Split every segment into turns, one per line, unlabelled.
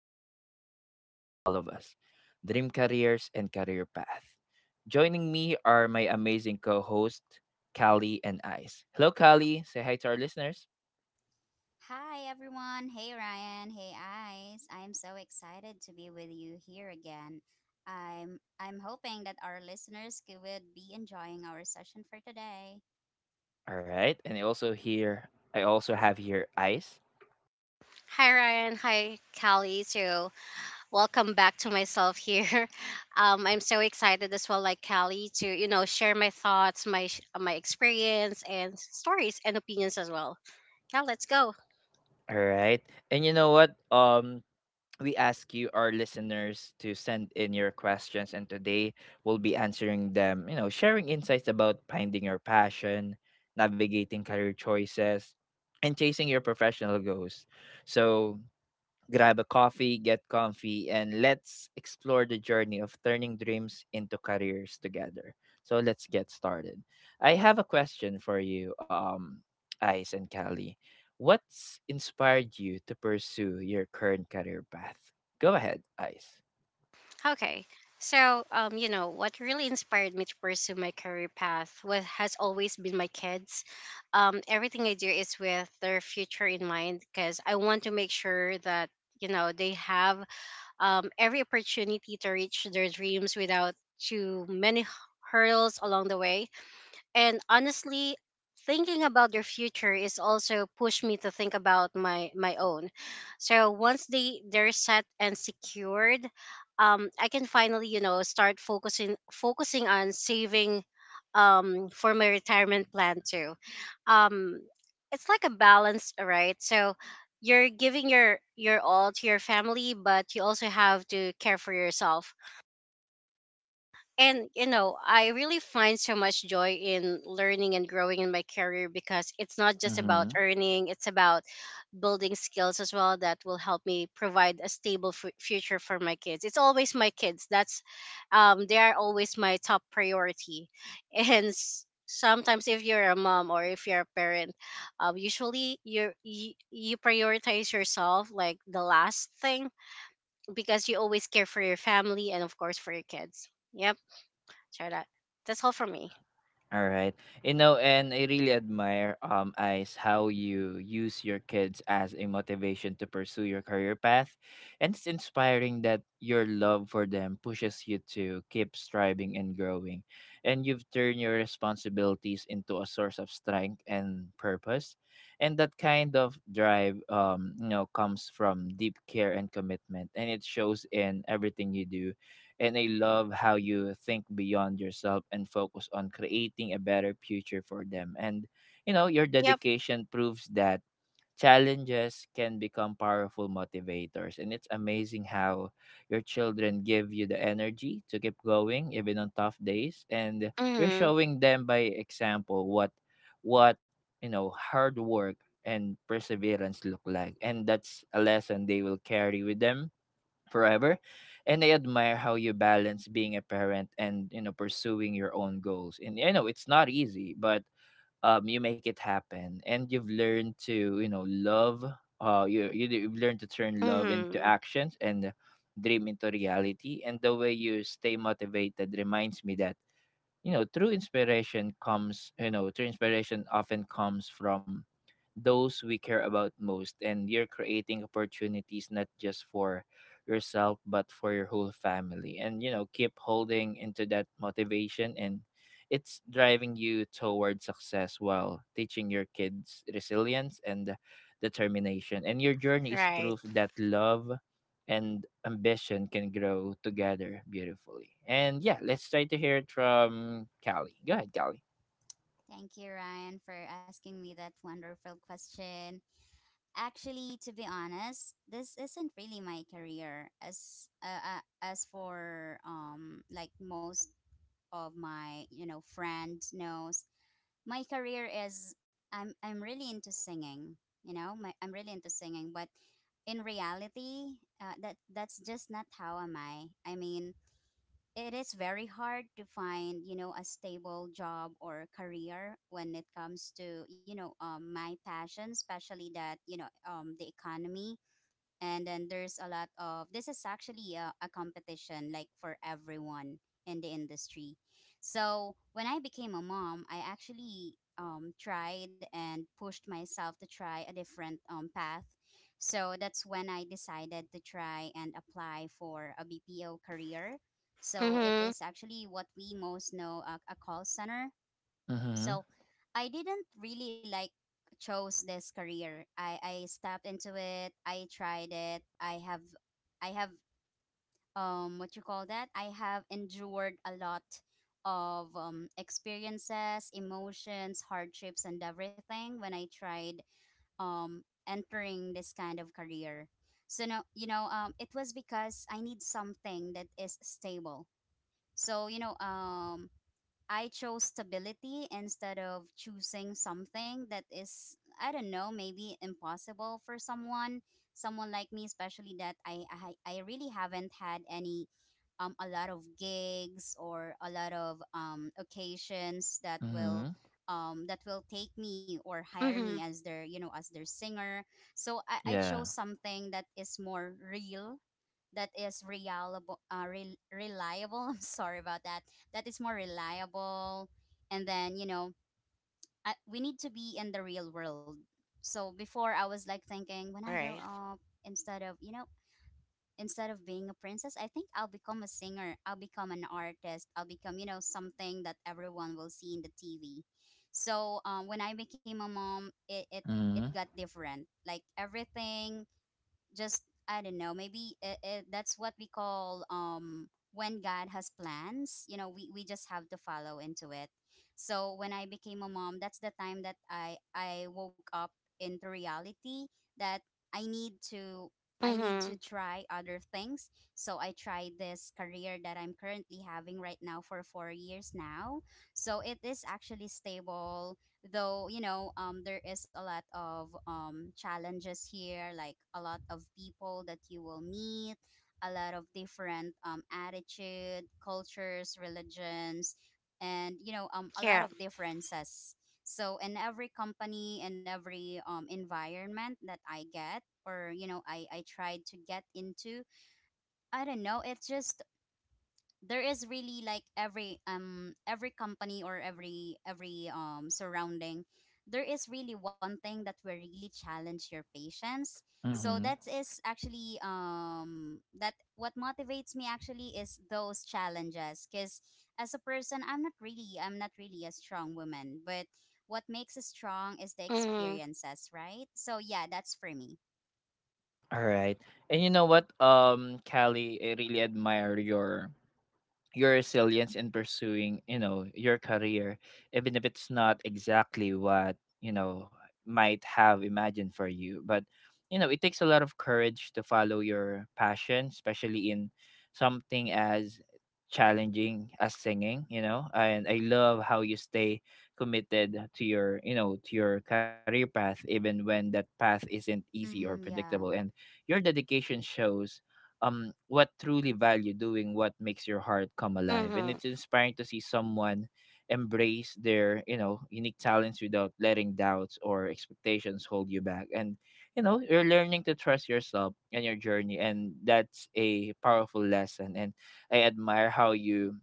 topic that affects all of us, dream careers and career path. Joining me are my amazing co hosts Callie and Ice. Hello, Callie. Say hi to our listeners.
Hi everyone. Hey Ryan. Hey Ice. I'm so excited to be with you here again. I'm hoping that our listeners could would be enjoying our session for today.
All right. And I also have here Ice.
Hi Ryan, hi Callie. So welcome back to myself here. I'm so excited as well, like Callie, to share my thoughts, my experience, and stories and opinions as well. Yeah, let's go.
All right. And you know what? We ask you, our listeners, to send in your questions, and today we'll be answering them. You know, sharing insights about finding your passion, navigating career choices, and chasing your professional goals. So, grab a coffee, get comfy, and let's explore the journey of turning dreams into careers together. So let's get started. I have a question for you, Ice and Callie. What's inspired you to pursue your current career path? Go ahead, Ice.
Okay. So you know what really inspired me to pursue my career path was has always been my kids. Everything I do is with their future in mind, because I want to make sure that they have every opportunity to reach their dreams without too many hurdles along the way. And honestly, thinking about their future is also pushed me to think about my own. So once they're set and secured, I can finally start focusing on saving, for my retirement plan too. Um, it's like a balance, right? So you're giving your all to your family, but you also have to care for yourself, and I really find so much joy in learning and growing in my career, because it's not just about earning, it's about building skills as well that will help me provide a stable future for my kids. It's always my kids. That's They are always my top priority. And sometimes, if you're a mom or if you're a parent, usually you prioritize yourself like the last thing, because you always care for your family and of course for your kids. Yep. So that's all for me.
All right. You know, and I really admire Ice, how you use your kids as a motivation to pursue your career path. And it's inspiring that your love for them pushes you to keep striving and growing. And you've turned your responsibilities into a source of strength and purpose. And that kind of drive, you know, comes from deep care and commitment, and it shows in everything you do. And I love how you think beyond yourself and focus on creating a better future for them. And, you know, your
Yep.
dedication proves that challenges can become powerful motivators. And it's amazing how your children give you the energy to keep going, even on tough days. And you're
Mhm.
showing them by example what, you know, hard work and perseverance look like. And that's a lesson they will carry with them forever. And I admire how you balance being a parent and, you know, pursuing your own goals, and I know it's not easy, but you make it happen. And you've learned to, you know, love, you, you've learned to turn love into
Mhm.
actions and dream into reality. And the way you stay motivated reminds me that, you know, true inspiration often comes from those we care about most. And you're creating opportunities not just for yourself but for your whole family. And you know, keep holding into that motivation, and it's driving you toward success while teaching your kids resilience and determination. And your journey is
Right.
proof that love and ambition can grow together beautifully. And yeah, let's try to hear it from Callie. Go ahead, Callie.
Thank you Ryan for asking me that wonderful question. Actually, to be honest, this isn't really my career as for like most of my friends knows my career is, I'm really into singing. You know, I'm really into singing, but in reality, that's just not how am I. I mean, it is very hard to find a stable job or career when it comes to my passion, especially that the economy, and then there's a lot of, this is actually a competition like for everyone in the industry. So when I became a mom, I actually tried and pushed myself to try a different path. So that's when I decided to try and apply for a BPO career. So it
Mhm.
is actually what we most know, a call center.
Mm-hmm.
So I didn't really like chose this career. I stepped into it. I tried it. I have what you call that? I have endured a lot of experiences, emotions, hardships and everything when I tried um entering this kind of career. So no, you know, it was because I need something that is stable. So, you know, I chose stability instead of choosing something that is, I don't know, maybe impossible for someone, someone like me, especially that I really haven't had any, a lot of gigs or a lot of occasions
Mm-hmm.
that will take me or hire me
Mhm.
as their, you know, as their singer. So I chose
Yeah.
something that is more real, that is reliable, re reliable. I'm sorry about that. That is more reliable. And then, you know, we need to be in the real world. So before, I was like thinking when I grow
Right.
up, instead of you know, instead of being a princess, I think I'll become a singer, I'll become an artist, I'll become you know something that everyone will see in the TV. So when I became a mom, it it
Mm-hmm.
got different. Like everything just, I don't know. Maybe that's what we call when God has plans. You know, we just have to follow into it. So when I became a mom, that's the time that I woke up into reality that I need to, I need to
Mhm.
try other things. So I tried this career that I'm currently having right now for 4 years now. So it is actually stable, though you know there is a lot of challenges here, like a lot of people that you will meet, a lot of different attitude, cultures, religions, and you know a lot
Yeah.
of differences. So in every company and every environment that I get, or you know I tried to get into, I don't know, it's just there is really like every company or every surrounding, there is really one thing that will really challenge your patience. So
Mm-hmm.
that is actually that what motivates me actually is those challenges, because as a person, I'm not really a strong woman, but what makes us strong is the
Mhm.
experiences, right? So yeah, that's for me.
All right. And you know what, Callie, I really admire your resilience in pursuing, you know, your career, even if it's not exactly what, you know, might have imagined for you. But you know, it takes a lot of courage to follow your passion, especially in something as challenging as singing, you know. And I love how you stay committed to your, you know, to your career path, even when that path isn't easy or
Mm-hmm,
predictable.
yeah.
And your dedication shows what truly value doing, what makes your heart come alive. And
Mhm.
it's inspiring to see someone embrace their, you know, unique talents without letting doubts or expectations hold you back. And you know, you're learning to trust yourself and your journey, and that's a powerful lesson. And I admire how you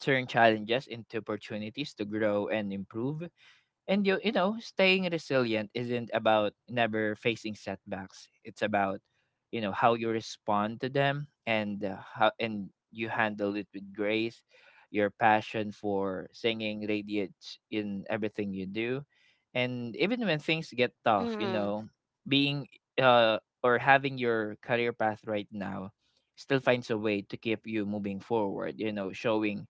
turn challenges into opportunities to grow and improve. And you know, staying resilient isn't about never facing setbacks, it's about, you know, how you respond to them. And how and you handle it with grace. Your passion for singing radiates in everything you do. And even when things get tough, you
Mhm.
know, being uh or having your career path right now, still finds a way to keep you moving forward, you know, showing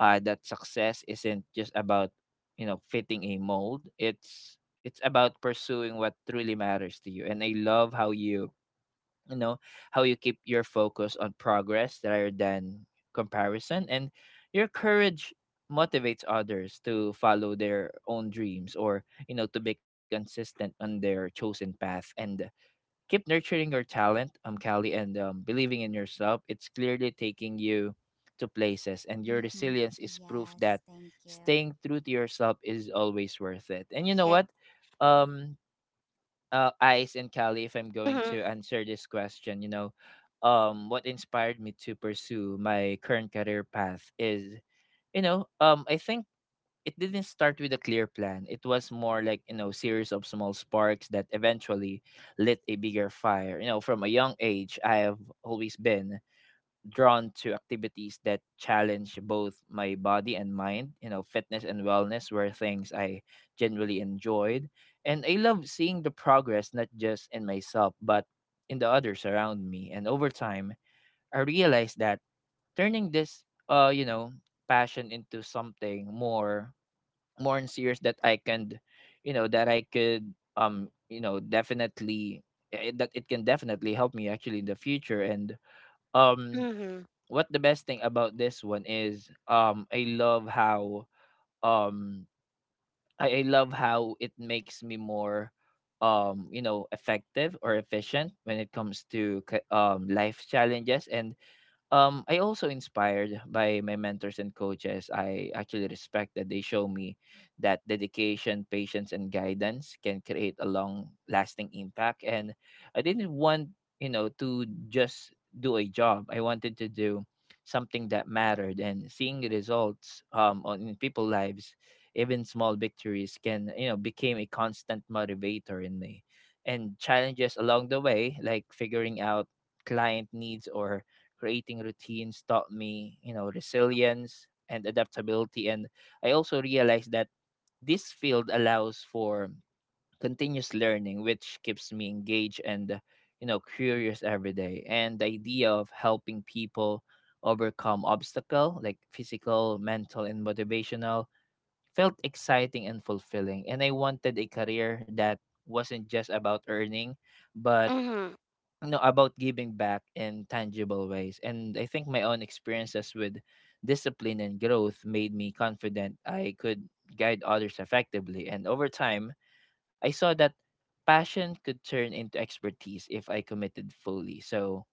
that success isn't just about, you know, fitting a mold. It's about pursuing what truly matters to you. And I love how you know you keep your focus on progress rather than comparison. And your courage motivates others to follow their own dreams, or you know, to be consistent on their chosen path. And keep nurturing your talent, Callie, and believing in yourself. It's clearly taking you to places, and your
Mm-hmm.
resilience is proof that
Yes, thank you.
staying true to yourself is always worth it. And you know
Yeah.
what? Um, Ice and Callie, if I'm going
Mhm.
to answer this question, you know, what inspired me to pursue my current career path is, you know, I think it didn't start with a clear plan. It was more like, you know, series of small sparks that eventually lit a bigger fire. You know, from a young age, I have always been drawn to activities that challenge both my body and mind. You know, fitness and wellness were things I generally enjoyed. And I love seeing the progress, not just in myself, but in the others around me. And over time, I realized that turning this, you know, passion into something more on series that I can, you know, that I could, you know, definitely eh, that it can definitely help me actually in the future. And um,
Mhm.
what the best thing about this one is, I love how, um, I love how it makes me more, you know, effective or efficient when it comes to life challenges. And I also inspired by my mentors and coaches. I actually respect that they show me that dedication, patience, and guidance can create a long-lasting impact. And I didn't want, you know, to just do a job. I wanted to do something that mattered. And seeing the results on in people lives, even small victories can, you know, became a constant motivator in me. And challenges along the way, like figuring out client needs or creating routines, taught me, you know, resilience and adaptability. And I also realized that this field allows for continuous learning, which keeps me engaged and, you know, curious every day. And the idea of helping people overcome obstacle like physical, mental, and motivational felt exciting and fulfilling. And I wanted a career that wasn't just about earning, but
Mhm.
no about giving back in tangible ways. And I think my own experiences with discipline and growth made me confident I could guide others effectively. And over time, I saw that passion could turn into expertise if I committed fully. So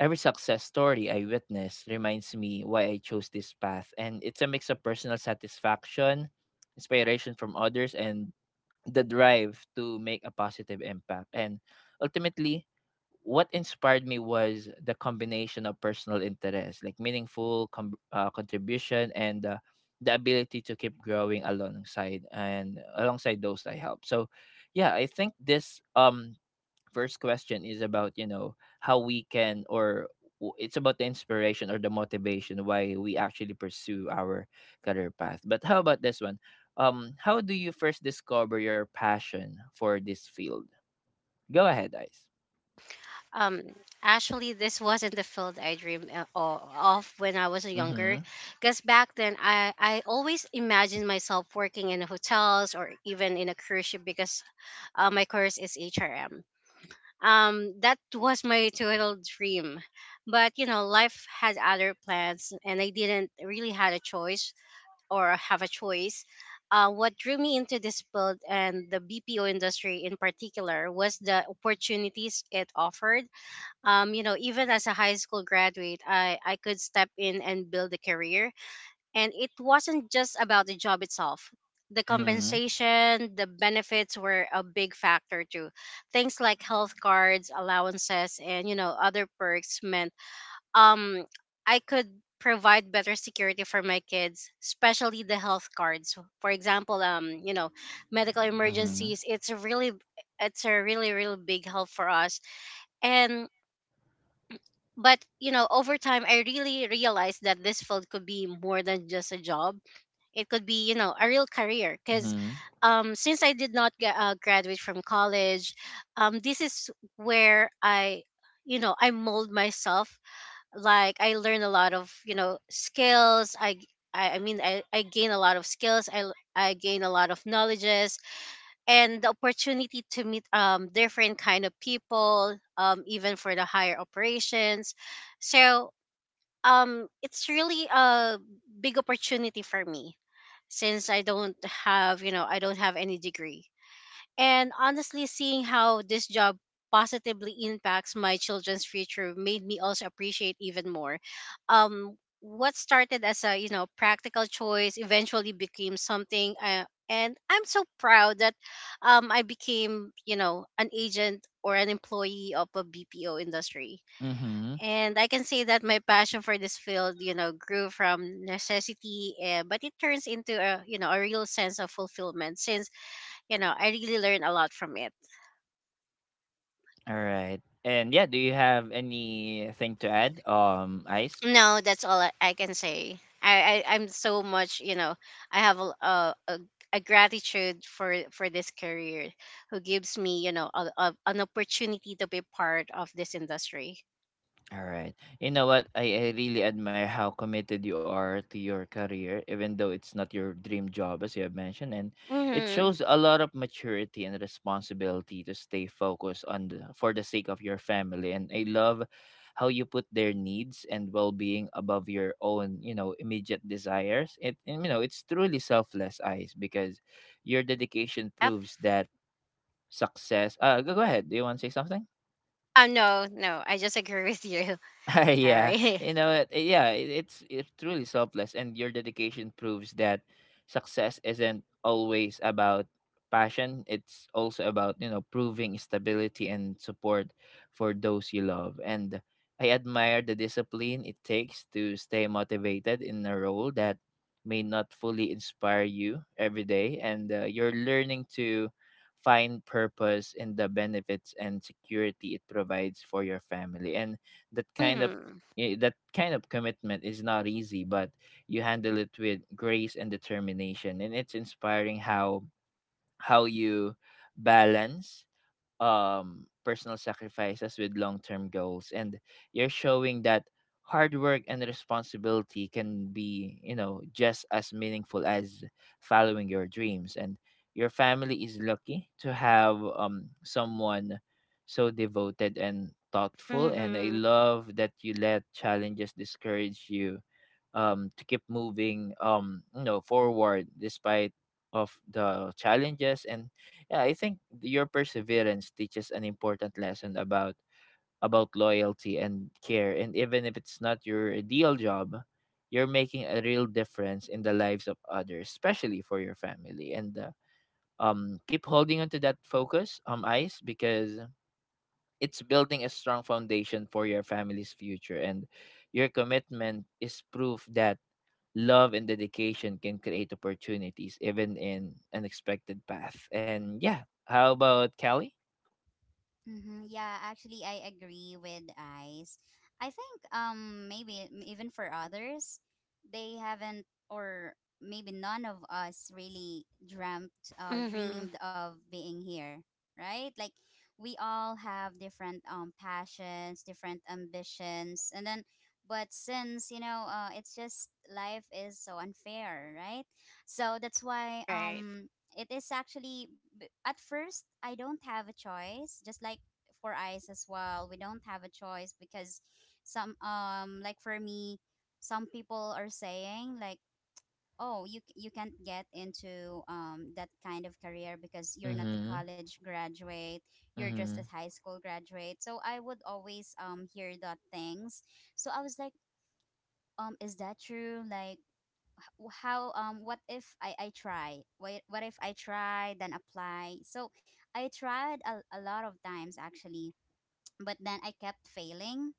every success story I witness reminds me why I chose this path, and it's a mix of personal satisfaction, inspiration from others, and the drive to make a positive impact. And ultimately, what inspired me was the combination of personal interest, like meaningful contribution, and the ability to keep growing alongside those I help. So, yeah, I think this first question is about, you know, how we can, or it's about the inspiration or the motivation why we actually pursue our career path. But how about this one? How do you first discover your passion for this field? Go ahead, Ice.
Um, Actually, this wasn't the field I dreamed of when I was younger,
Mm-hmm.
because back then I always imagined myself working in hotels or even in a cruise ship, because my course is HRM. That was my total dream, but life had other plans and I didn't really had a choice or have a choice. What drew me into this field and the BPO industry in particular was the opportunities it offered. Even as a high school graduate, I could step in and build a career. And it wasn't just about the job itself. The
Mm-hmm.
compensation, the benefits were a big factor too. Things like health cards, allowances, and other perks meant um I could provide better security for my kids, especially the health cards. For example, medical
Mm-hmm.
emergencies. It's a really really big help for us. And But over time I really realized that this field could be more than just a job. It could be a real career, because
Mm-hmm.
since I did not graduate from college. This is where I you know I mold myself. Like, I learn a lot of skills. I mean, I gain a lot of skills. I gain a lot of knowledges, and the opportunity to meet different kind of people, even for the higher operations. So it's really a big opportunity for me, since I don't have any degree. And honestly, seeing how this job positively impacts my children's future made me also appreciate even more. What started as a practical choice eventually became something. And I'm so proud that I became, an agent or an employee of a BPO industry.
Mm-hmm.
And I can say that my passion for this field, grew from necessity, but it turns into a real sense of fulfillment since, I really learn a lot from it.
All right. And yeah, do you have anything to add, Ice?
No, that's all I can say. I, I'm so much, you know, I have a gratitude for this career who gives me, an opportunity to be part of this industry.
All right. You know what? I really admire how committed you are to your career, even though it's not your dream job, as you have mentioned. And it
Mm-hmm.
shows a lot of maturity and responsibility to stay focused on the, for the sake of your family. And I love how you put their needs and well being above your own, you know, immediate desires. It and, you know, it's truly selfless eyes, because your dedication
Yep.
proves that success, go go ahead. Do you want to say something?
No, no, I just agree with you.
Yeah,
Sorry.
yeah, it's truly selfless, and your dedication proves that success isn't always about passion. It's also about, you know, proving stability and support for those you love. And I admire the discipline it takes to stay motivated in a role that may not fully inspire you every day. And you're learning to find purpose in the benefits and security it provides for your family. And that kind of
Mm-hmm.
that kind of commitment is not easy, but you handle it with grace and determination. And it's inspiring how you balance personal sacrifices with long term goals. And you're showing that hard work and responsibility can be, you know, just as meaningful as following your dreams. And your family is lucky to have someone so devoted and thoughtful. And I
Mm-hmm.
love that you let challenges discourage you to keep moving forward despite of the challenges. And yeah, I think your perseverance teaches an important lesson about loyalty and care. And even if it's not your ideal job, you're making a real difference in the lives of others, especially for your family. And keep holding on to that focus, Ice, because it's building a strong foundation for your family's future. And your commitment is proof that love and dedication can create opportunities even in unexpected path. And yeah, how about Kelly?
Mm-hmm. Yeah, actually, I agree with Ice. I think maybe, even for others, they haven't, or maybe none of us really dreamt
Mm-hmm.
dreamed of being here, right? Like we all have different passions, different ambitions, and then, but since you know it's just, life is so unfair, right? So that's why
Right.
it is actually, at first I don't have a choice, just like for eyes as well. We don't have a choice because some like for me, some people are saying like, oh, you can't get into that kind of career because you're not a
Mhm.
college graduate, you're just a
Mhm.
high school graduate. So I would always hear that things. So I was like, is that true? Like how what if I try, what if I try then apply? So I tried a lot of times actually, but then I kept failing.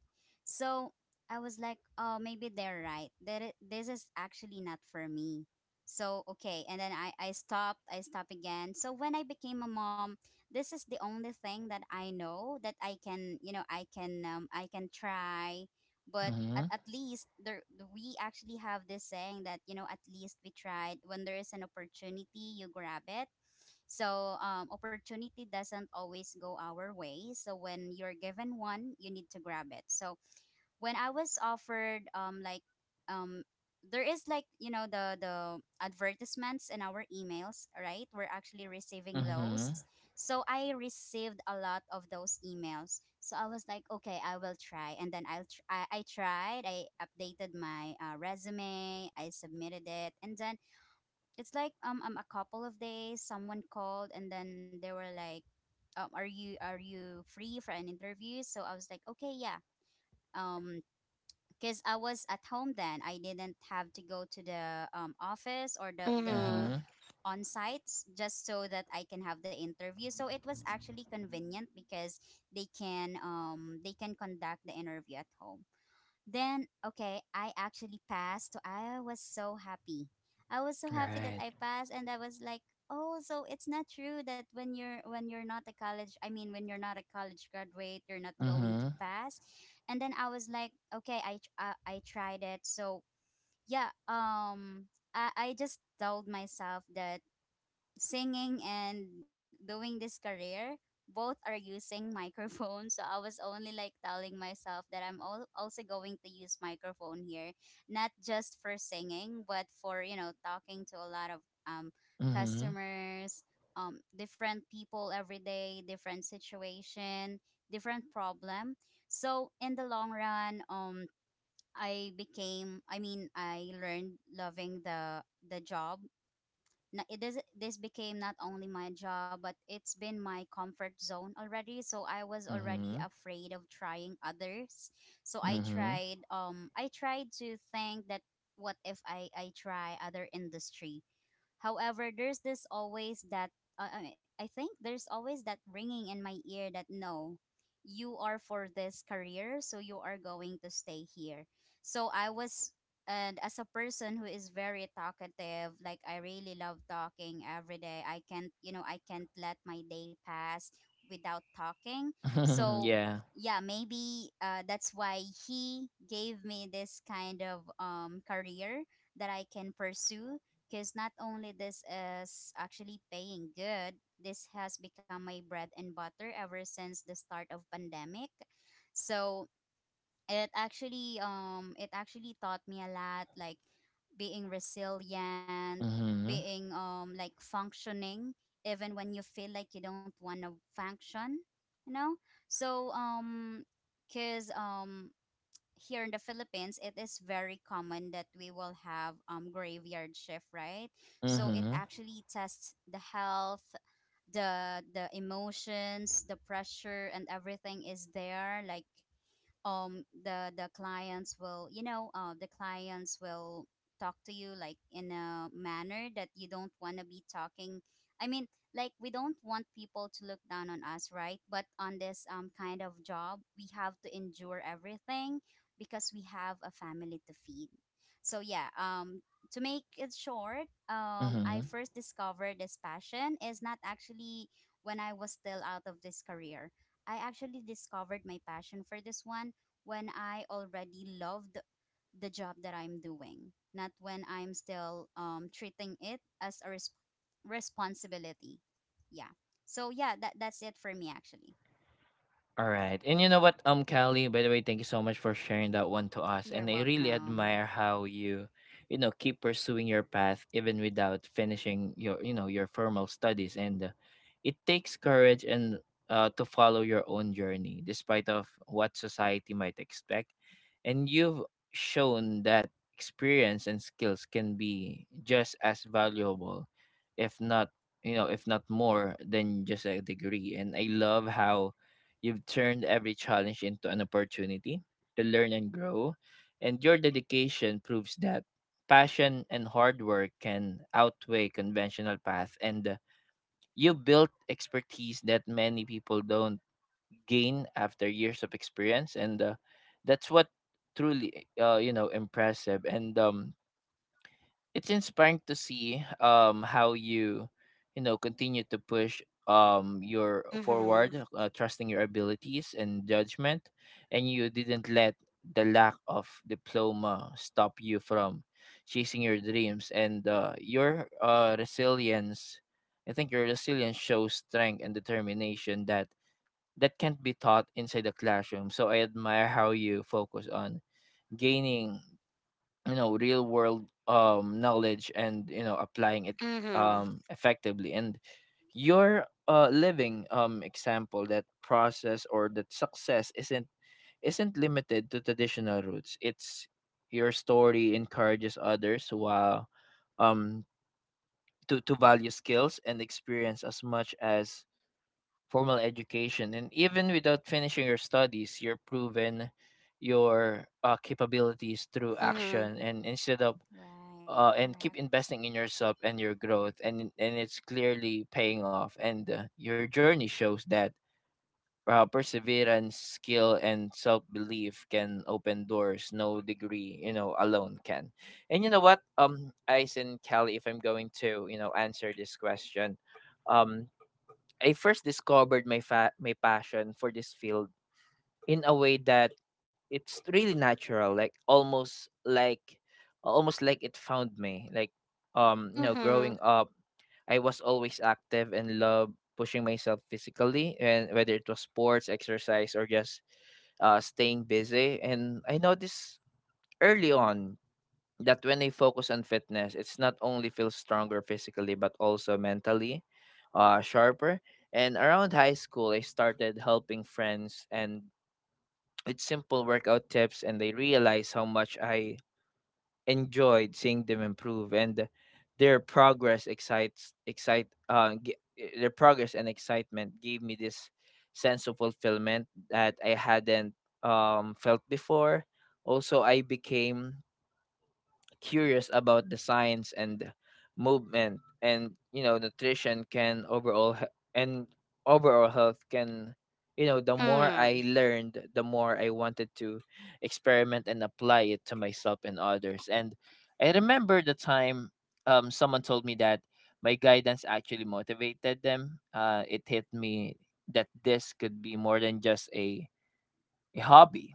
So I was like, oh, maybe they're right, that this is actually not for me. So okay, and then I stopped. I stopped again. So when I became a mom, this is the only thing that I know that I can try, but
Mhm.
at least there we actually have this saying that you know at least we tried. When there is an opportunity, you grab it. So opportunity doesn't always go our way, so when you're given one you need to grab it. So when I was offered, um there is like you know the advertisements in our emails, right? We're actually receiving
Mhm.
those. So I received a lot of those emails, so I was like okay, I will try, and then I tried. I updated my resume, I submitted it, and then it's like a couple of days, someone called and then they were like, are you free for an interview? So I was like, okay, yeah. um because I was at home then. I didn't have to go to the office or the
Mm-hmm.
Mhm.
on sites just so that I can have the interview. So it was actually convenient because they can conduct the interview at home. Then, okay, I actually passed. So I was so happy. I was so happy that
Right.
I passed, and I was like, "Oh, so it's not true that when you're, when you're not a college, I mean when you're not a college graduate, you're not going to
Mhm.
pass." And then I was like, "Okay, I tried it." So, yeah, I just told myself that singing and doing this career both are using microphone. So I was only like telling myself that also going to use microphone here, not just for singing but for you know talking to a lot of um,
Mhm.
customers, different people every day, different situation, different problem. So in the long run I became, I mean I learned loving the job. It is, this became not only my job but it's been my comfort zone already, so I was already
Mhm.
afraid of trying others. So I
Mhm.
tried, to think that, what if I try other industry? However, there's this always that I mean, I think there's always that ringing in my ear that no, you are for this career, so you are going to stay here. So I was, and as a person who is very talkative, like I really love talking every day. I can't, you know, I can't let my day pass without talking. So
yeah.
yeah, maybe that's why he gave me this kind of career that I can pursue, because not only this is actually paying good, this has become my bread and butter ever since the start of pandemic. So it actually taught me a lot, like being resilient,
Mhm.
being like functioning even when you feel like you don't want to function, you know. So because here in the Philippines, it is very common that we will have graveyard shift, right? So it
Mhm.
actually tests the health, the emotions, the pressure, and everything is there. Like the clients will you know the clients will talk to you like in a manner that you don't want to be talking, I mean, like we don't want people to look down on us, right? But on this kind of job, we have to endure everything because we have a family to feed. So yeah, to make it short, I
Mhm.
first discovered this passion is not actually when I was still out of this career. I actually discovered my passion for this one when I already loved the job that I'm doing, not when I'm still treating it as a responsibility. Yeah. So yeah, that that's it for me actually.
All right. And you know what, Callie, by the way, thank you so much for sharing that one to us. And
You're
I really
welcome.
admire how you, keep pursuing your path even without finishing your, your formal studies. And it takes courage and to follow your own journey despite of what society might expect. And you've shown that experience and skills can be just as valuable, if not, you know, if not more than just a degree. And I love how you've turned every challenge into an opportunity to learn and grow. And your dedication proves that passion and hard work can outweigh conventional paths. And you built expertise that many people don't gain after years of experience. And that's what truly impressive. And it's inspiring to see how you, you know, continue to push your
Mm-hmm.
forward, trusting your abilities and judgment. And you didn't let the lack of diploma stop you from chasing your dreams. And your resilience, I think your resilience shows strength and determination that that can't be taught inside the classroom. So I admire how you focus on gaining, you know, real world knowledge and, you know, applying it
Mm-hmm.
effectively. And your living example that process, or that success isn't limited to traditional routes. It's your story encourages others while um to value skills and experience as much as formal education. And even without finishing your studies, you're proven your capabilities through
Mm-hmm.
action. And instead of
Right,
and keep
correct.
investing in yourself and your growth. And it's clearly paying off. And your journey shows that perseverance, skill and self-belief can open doors no degree, you know, alone can. And you know what, Ice and Kelly, if I'm going to, you know, answer this question, um I first discovered my passion for this field in a way that it's really natural, like almost like, almost like it found me. Like you know,
Mm-hmm.
growing up, I was always active and loved pushing myself physically, and whether it was sports, exercise or just staying busy. And I noticed early on that when I focus on fitness, it's not only feels stronger physically, but also mentally sharper. And around high school, I started helping friends and with simple workout tips, and I realize how much I enjoyed seeing them improve. And their progress excites excite g- their progress and excitement gave me this sense of fulfillment that I hadn't felt before. Also I became curious about the science and movement and, you know, nutrition can overall he- and overall health can, you know, the more
Mm-hmm.
I learned, the more I wanted to experiment and apply it to myself and others. And I remember the time someone told me that my guidance actually motivated them. It hit me that this could be more than just a hobby.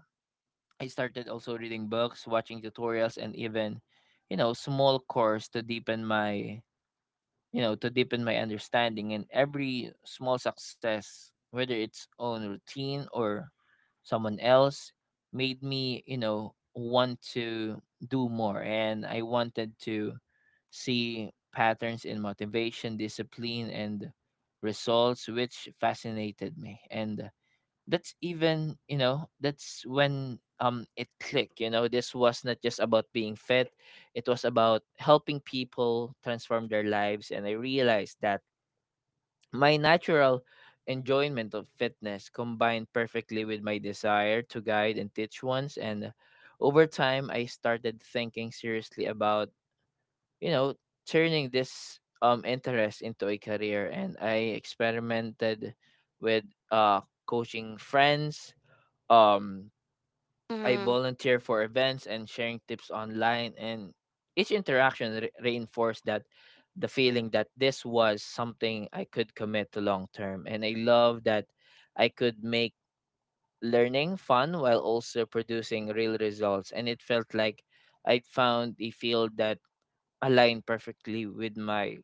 I started also reading books, watching tutorials, and even, you know, small course to deepen my, you know, to deepen my understanding. And every small success, whether it's own routine or someone else, made me, you know, want to do more. And I wanted to see patterns in motivation, discipline, and results, which fascinated me. And that's even, you know, that's when it clicked. You know, this was not just about being fit, it was about helping people transform their lives. And I realized that my natural enjoyment of fitness combined perfectly with my desire to guide and teach ones. And over time, I started thinking seriously about, you know, turning this interest into a career. And I experimented with uh coaching friends, um, I volunteer for events and sharing tips online, and each interaction reinforced that the feeling that this was something I could commit to long term. And I love that I could make learning fun while also producing real results. And it felt like I'd found a field that aligned perfectly with my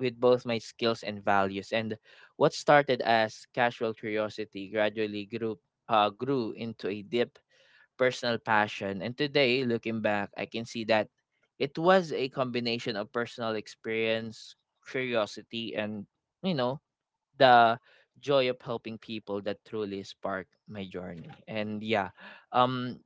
with both my skills and values. And what started as casual curiosity gradually grew grew into a deep personal passion. And today, looking back, I can see that it was a combination of personal experience, curiosity, and, you know, the joy of helping people that truly sparked my journey. And yeah, um,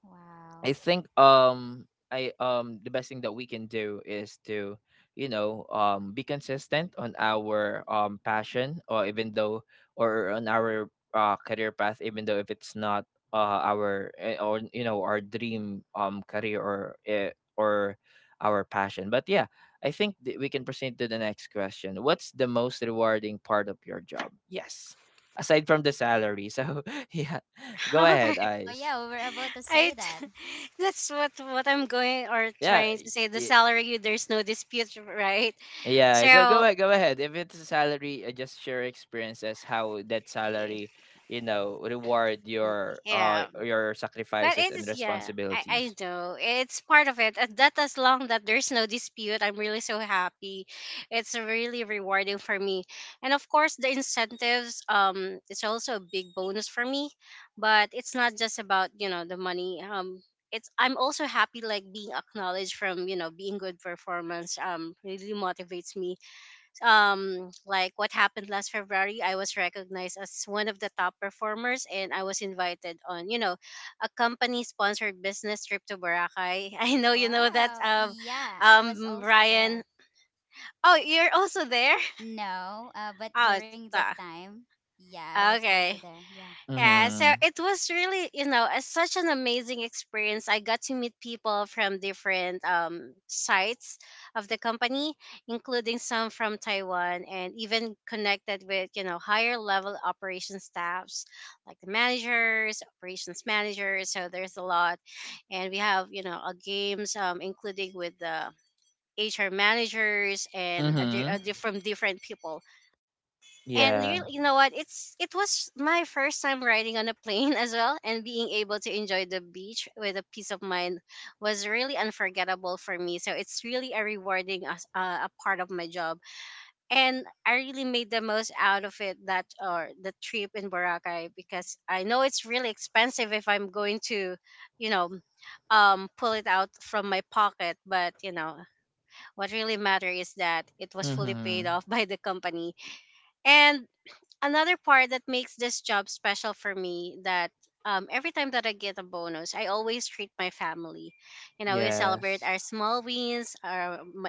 Wow.
I think I the best thing that we can do is to, you know, be consistent on our passion, or even though or on our career path, even though if it's not our or, you know, our dream career, or our passion. But yeah, I think that we can proceed to the next question. What's the most rewarding part of your job, yes, aside from the salary? so yeah, go ahead,
Okay.
Oh
eyes.
yeah, we were about to say
I
that.
t- that's what I'm going or
Yeah.
trying to say. The salary, there's no dispute, right?
Yeah, go go
So.
ahead, go ahead. If it's a salary, just share experiences how that salary, you know, reward
Yeah.
your
But
sacrifices and
it's yeah, I
responsibilities.
know it's part of it, and that as long that there's no dispute, I'm really so happy. It's really rewarding for me, and of course the incentives. It's also a big bonus for me, but it's not just about the money. It's I'm also happy like being acknowledged from being good performance. Really motivates me like what happened last February, I was recognized as one of the top performers and I was invited on, you know, a company sponsored business trip to Boracay. I know you know that
Wow. Yeah, I was also
Ryan.
there.
Oh, you're also there?
No, but
Oh,
during that
ta.
time, yeah, I was also
Okay.
there. Yeah.
Yeah, so
Mm-hmm.
it was really, such an amazing experience. I got to meet people from different sites of the company, including some from Taiwan, and even connected with higher level operation staffs, like the managers, operations managers. So there's a lot. And we have games, including with the HR managers and
Mm-hmm.
from different people. And you,
Yeah.
you know what it's it was my first time riding on a plane as well, and being able to enjoy the beach with a peace of mind was really unforgettable for me. So it's really a rewarding a part of my job, and I really made the most out of it, that or the trip in Boracay, because I know it's really expensive if I'm going to you know pull it out from my pocket. But you know what really matter is that it was fully
Mm-hmm.
paid off by the company. And another part that makes this job special for me, that every time that I get a bonus, I always treat my family. We celebrate
Yes.
our small wins, our my,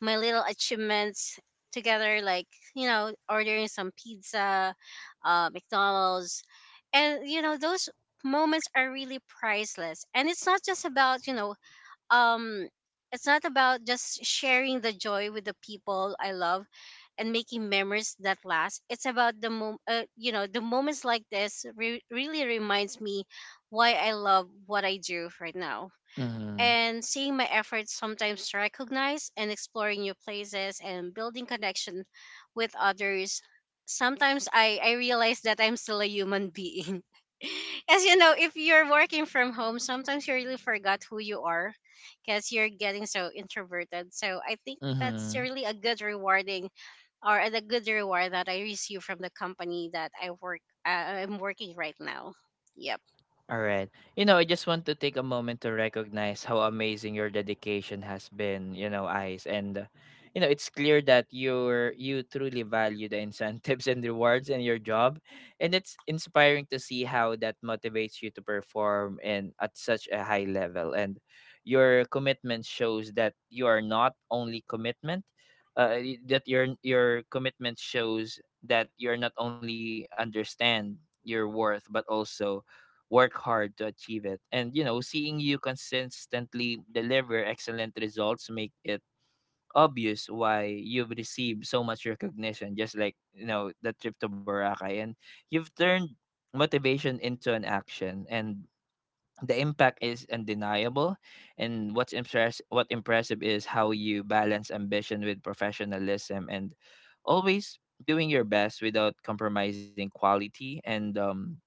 my little achievements together, like ordering some pizza, McDonald's, and those moments are really priceless. And it's not just about um it's not about just sharing the joy with the people I love, and making memories that last. It's about the moments like this really reminds me why I love what I do right now,
Mm-hmm.
and seeing my efforts sometimes recognized, and exploring new places and building connection with others. Sometimes I realize that I'm still a human being. As you know, if you're working from home, sometimes you really forgot who you are, because you're getting so introverted. So I think that's
Mm-hmm.
really a good rewarding, or a good reward, that I receive from the company that I'm working right now. Yep.
All right. You know, I just want to take a moment to recognize how amazing your dedication has been, you know, Ice. And, you know, it's clear that you truly value the incentives and rewards in your job. And it's inspiring to see how that motivates you to perform and at such a high level. And your commitment shows that you are not only commitment, y- that your commitment shows that you're not only understand your worth, but also work hard to achieve it. And you know, seeing you consistently deliver excellent results make it obvious why you've received so much recognition, just like, you know, the trip to Boracay. And you've turned motivation into an action and the impact is undeniable. And what impressive is how you balance ambition with professionalism and always doing your best without compromising quality. And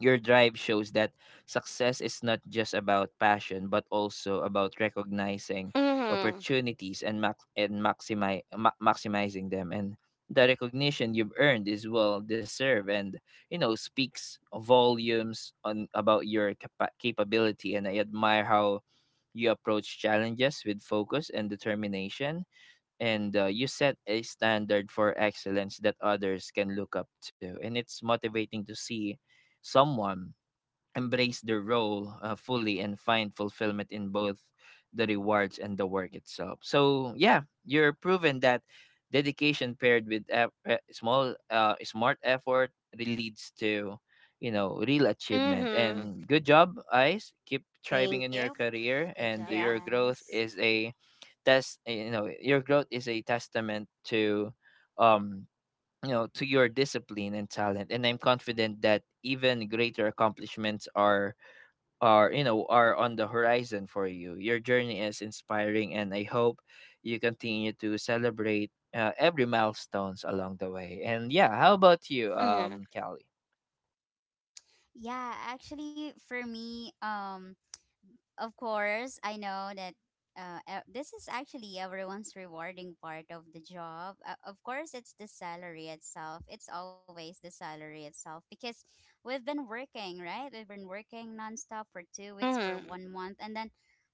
your drive shows that success is not just about passion, but also about recognizing
Mhm.
opportunities and maximizing them. And the recognition you've earned is well deserved, and, you know, speaks volumes on about your capability. And I admire how you approach challenges with focus and determination. And you set a standard for excellence that others can look up to. And it's motivating to see someone embrace their role fully and find fulfillment in both the rewards and the work itself. So yeah, you're proven that dedication paired with eff- small smart effort really leads to, you know, real achievement.
Mhm.
And good job, Ice. Keep thriving
Thank
in your
you.
career.
Good
And
job,
Yeah.
your growth
guys.
is a test you know your growth is a testament to um you know, to your discipline and talent. And I'm confident that even greater accomplishments are, you know, are on the horizon for you. Your journey is inspiring, and I hope you continue to celebrate every milestones along the way. And yeah, how about you,
Mm,
Kelly?
Yeah, actually, for me, of course, I know that this is actually everyone's rewarding part of the job. Of course, it's the salary itself. It's always the salary itself because we've been working, right? We've been working nonstop for 2 weeks, for
mm,
1 month, and then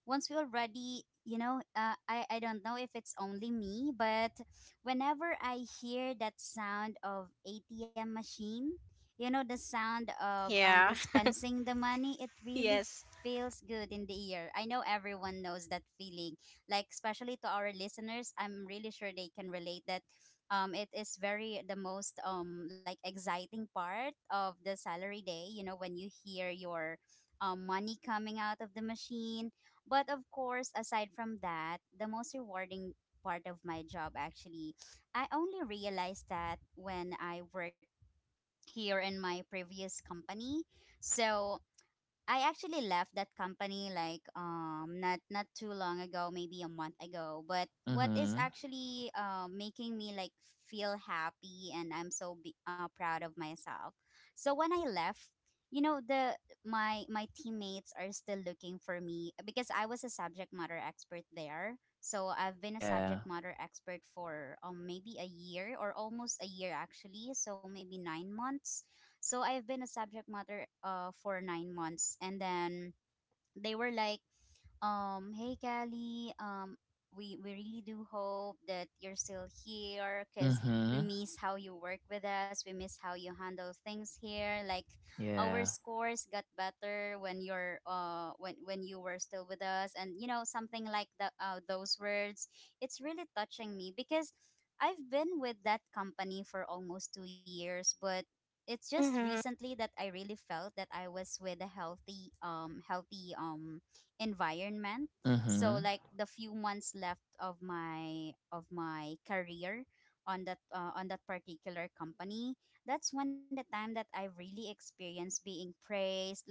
once we already, I don't know if it's only me, but whenever I hear that sound of ATM machine, you know, the sound of
yeah.
dispensing the money. It really
Yes.
feels good in the ear. I know everyone knows that feeling, like especially to our listeners. I'm really sure they can relate that. It is very the most like exciting part of the salary day, you know, when you hear your money coming out of the machine. But of course, aside from that, the most rewarding part of my job, actually I only realized that when I work here in my previous company. So I actually left that company, like, not too long ago, maybe a month ago. But what is
Mm-hmm.
actually making me like feel happy and I'm so proud of myself. So when I left, you know, the my teammates are still looking for me because I was a subject matter expert there. So I've been a
Yeah.
subject matter expert for maybe a year or almost a year actually, so maybe 9 months. So I've been a subject matter for 9 months, and then they were like, "Hey, Callie, we really do hope that you're still here, cause we
Mm-hmm.
miss how you work with us. We miss how you handle things here. Like our
Yeah.
scores got better when you're when you were still with us, and you know something like the those words. It's really touching me because." I've been with that company for almost 2 years, but it's just
Mm-hmm.
recently that I really felt that I was with a healthy healthy environment. So
Mm-hmm.
like the few months left of my career on that particular company, that's when the time that I really experienced being praised, like,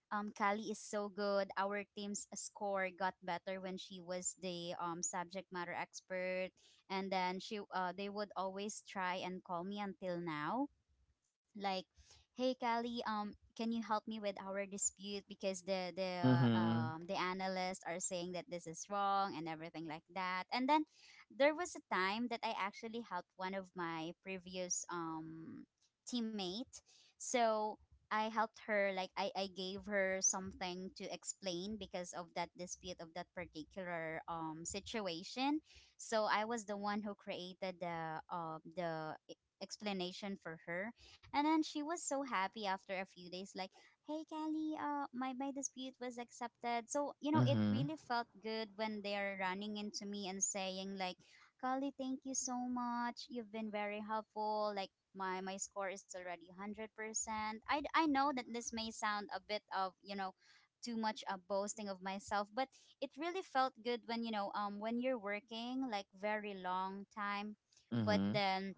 Kali is so good. Our team's score got better when she was the subject matter expert. And then she they would always try and call me until now, like, hey Callie, can you help me with our dispute because the the
Mm-hmm.
um the analysts are saying that this is wrong and everything like that. And then there was a time that I actually helped one of my previous teammate. So I helped her, like, I gave her something to explain because of that dispute of that particular situation. So I was the one who created the explanation for her. And then she was so happy after a few days, like, hey, Kelly, my dispute was accepted. So, you know, it really felt good when they're running into me and saying, like, Kali, thank you so much. You've been very helpful. Like my score is already 100%. I know that this may sound a bit of, you know, too much a boasting of myself, but it really felt good when, you know, when you're working like very long time, but
Mm-hmm.
then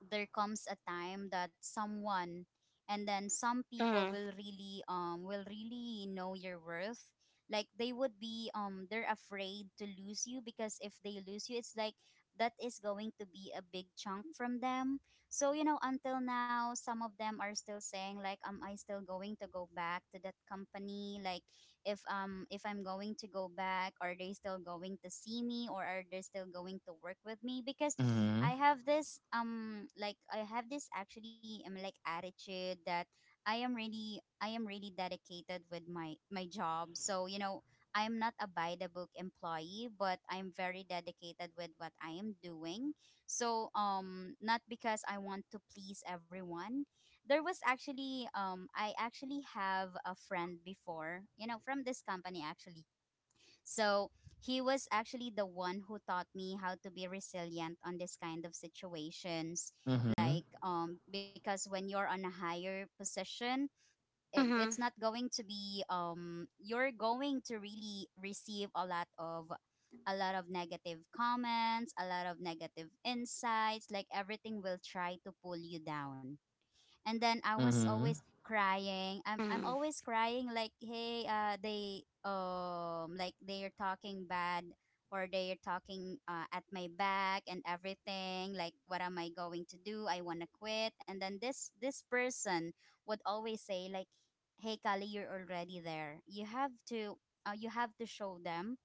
there comes a time that someone, and then some people
Mm,
will really know your worth. Like they would be they're afraid to lose you, because if they lose you, it's like that is going to be a big chunk from them. So, you know, until now some of them are still saying, like, am I still going to go back to that company? Like if I'm going to go back, are they still going to see me or are they still going to work with me? Because
Mm-hmm.
I have this like I have this actually like attitude that I am really dedicated with my job. So, you know, I'm not a by the book employee, but I'm very dedicated with what I am doing. So, not because I want to please everyone, there was actually I actually have a friend before, you know, from this company actually. So he was actually the one who taught me how to be resilient on this kind of situations,
Mm-hmm.
like because when you're on a higher position, it's
mm-hmm.
not going to be you're going to really receive a lot of negative comments, a lot of negative insights, like everything will try to pull you down. And then I was
Mm-hmm.
always crying. I'm
Mm,
always crying, like, hey, they like they're talking bad or they're talking at my back and everything. Like what am I going to do? I want to quit. And then this person would always say, like, hey Kali, you're already there, you have to show them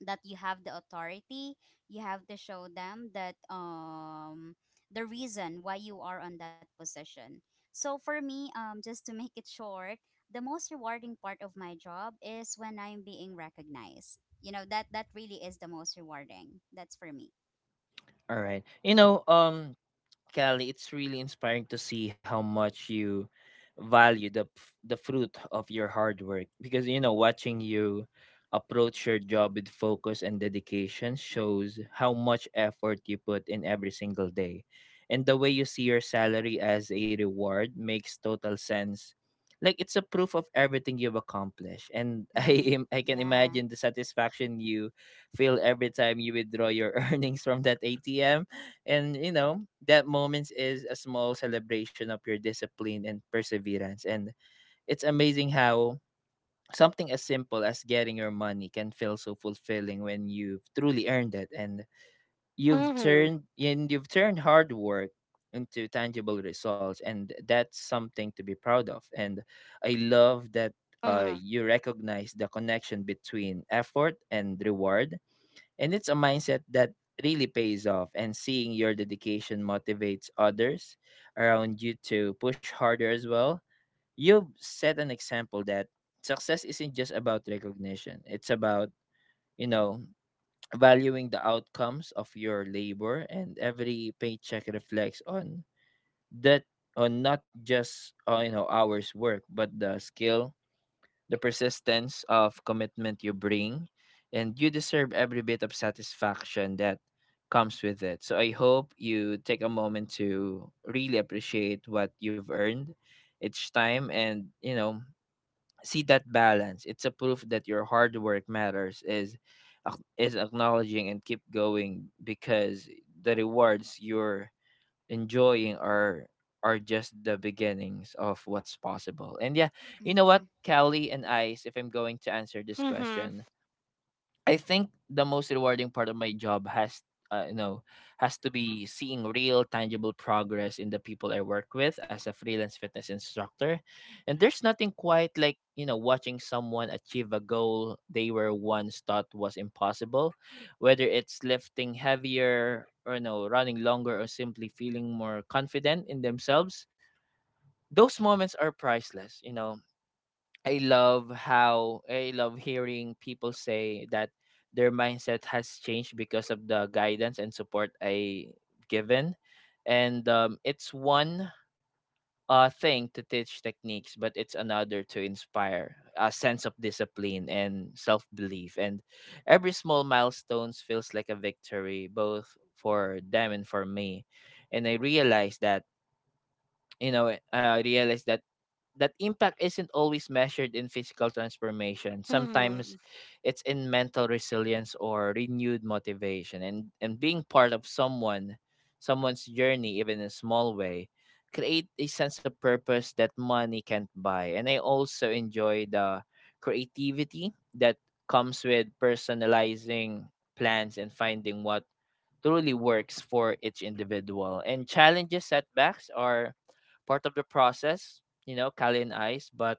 that you have the authority. You have to show them that the reason why you are on that position. So for me, just to make it short, the most rewarding part of my job is when I'm being recognized. You know, that really is the most rewarding. That's for me.
All right. You know, Kelly, it's really inspiring to see how much you value the the fruit of your hard work. Because, you know, watching you approach your job with focus and dedication shows how much effort you put in every single day. And the way you see your salary as a reward makes total sense. Like it's a proof of everything you've accomplished. And I
Mhm.
am, I can
Yeah.
imagine the satisfaction you feel every time you withdraw your earnings from that ATM. And you know, that moment is a small celebration of your discipline and perseverance. And it's amazing how something as simple as getting your money can feel so fulfilling when you've truly earned it. And
mm-hmm.
you've turned hard work into tangible results, and that's something to be proud of. And I love that
Mm,
you recognize the connection between effort and reward. And it's a mindset that really pays off. And seeing your dedication motivates others around you to push harder as well. You've set an example that success isn't just about recognition, it's about, you know, valuing the outcomes of your labor. And every paycheck reflects on that, on not just you know, hours work, but the skill, the persistence of commitment you bring. And you deserve every bit of satisfaction that comes with it. So I hope you take a moment to really appreciate what you've earned each time, and, you know, see that balance. It's a proof that your hard work matters is acknowledging and keep going because the rewards you're enjoying are just the beginnings of what's possible. And yeah, you know what,
Mhm.
Callie and Ice, if I'm going to answer this
mm-hmm.
question, I think the most rewarding part of my job has you know has to be seeing real tangible progress in the people I work with as a freelance fitness instructor. And there's nothing quite like, watching someone achieve a goal they were once thought was impossible, whether it's lifting heavier or running longer or simply feeling more confident in themselves. Those moments are priceless. I love hearing people say that their mindset has changed because of the guidance and support I given, and it's one thing to teach techniques, but it's another to inspire a sense of discipline and self belief. And every small milestones feels like a victory, both for them and for me. And I realized that that impact isn't always measured in physical transformation.
Mm,
Sometimes it's in mental resilience or renewed motivation. And being part of someone's journey, even in a small way, create a sense of purpose that money can't buy. And I also enjoy the creativity that comes with personalizing plans and finding what truly works for each individual. And challenges, setbacks are part of the process you know, Kali and Ice, but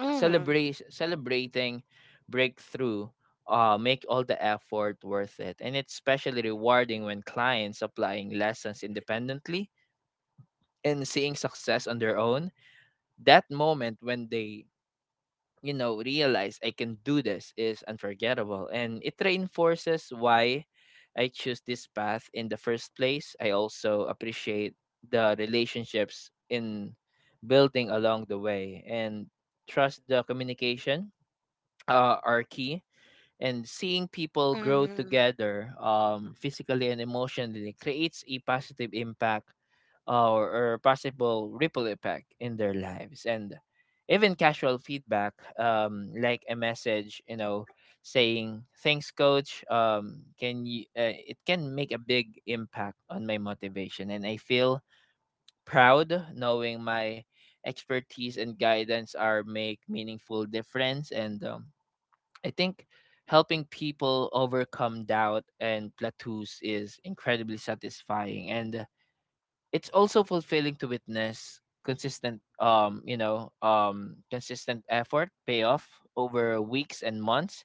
mm-hmm.
celebrate celebrating breakthrough make all the effort worth it. And it's especially rewarding when clients applying lessons independently and seeing success on their own. That moment when they realize I can do this is unforgettable and it reinforces why I choose this path in the first place. I also appreciate the relationships in building along the way and trust the communication are key, and seeing people grow
Mm,
together physically and emotionally creates a positive impact uh, or, or possible ripple effect in their lives. And even casual feedback, like a message, saying thanks coach, can you it can make a big impact on my motivation. And I feel proud knowing my expertise and guidance are make meaningful difference. And I think helping people overcome doubt and plateaus is incredibly satisfying, and it's also fulfilling to witness consistent consistent effort pay off over weeks and months.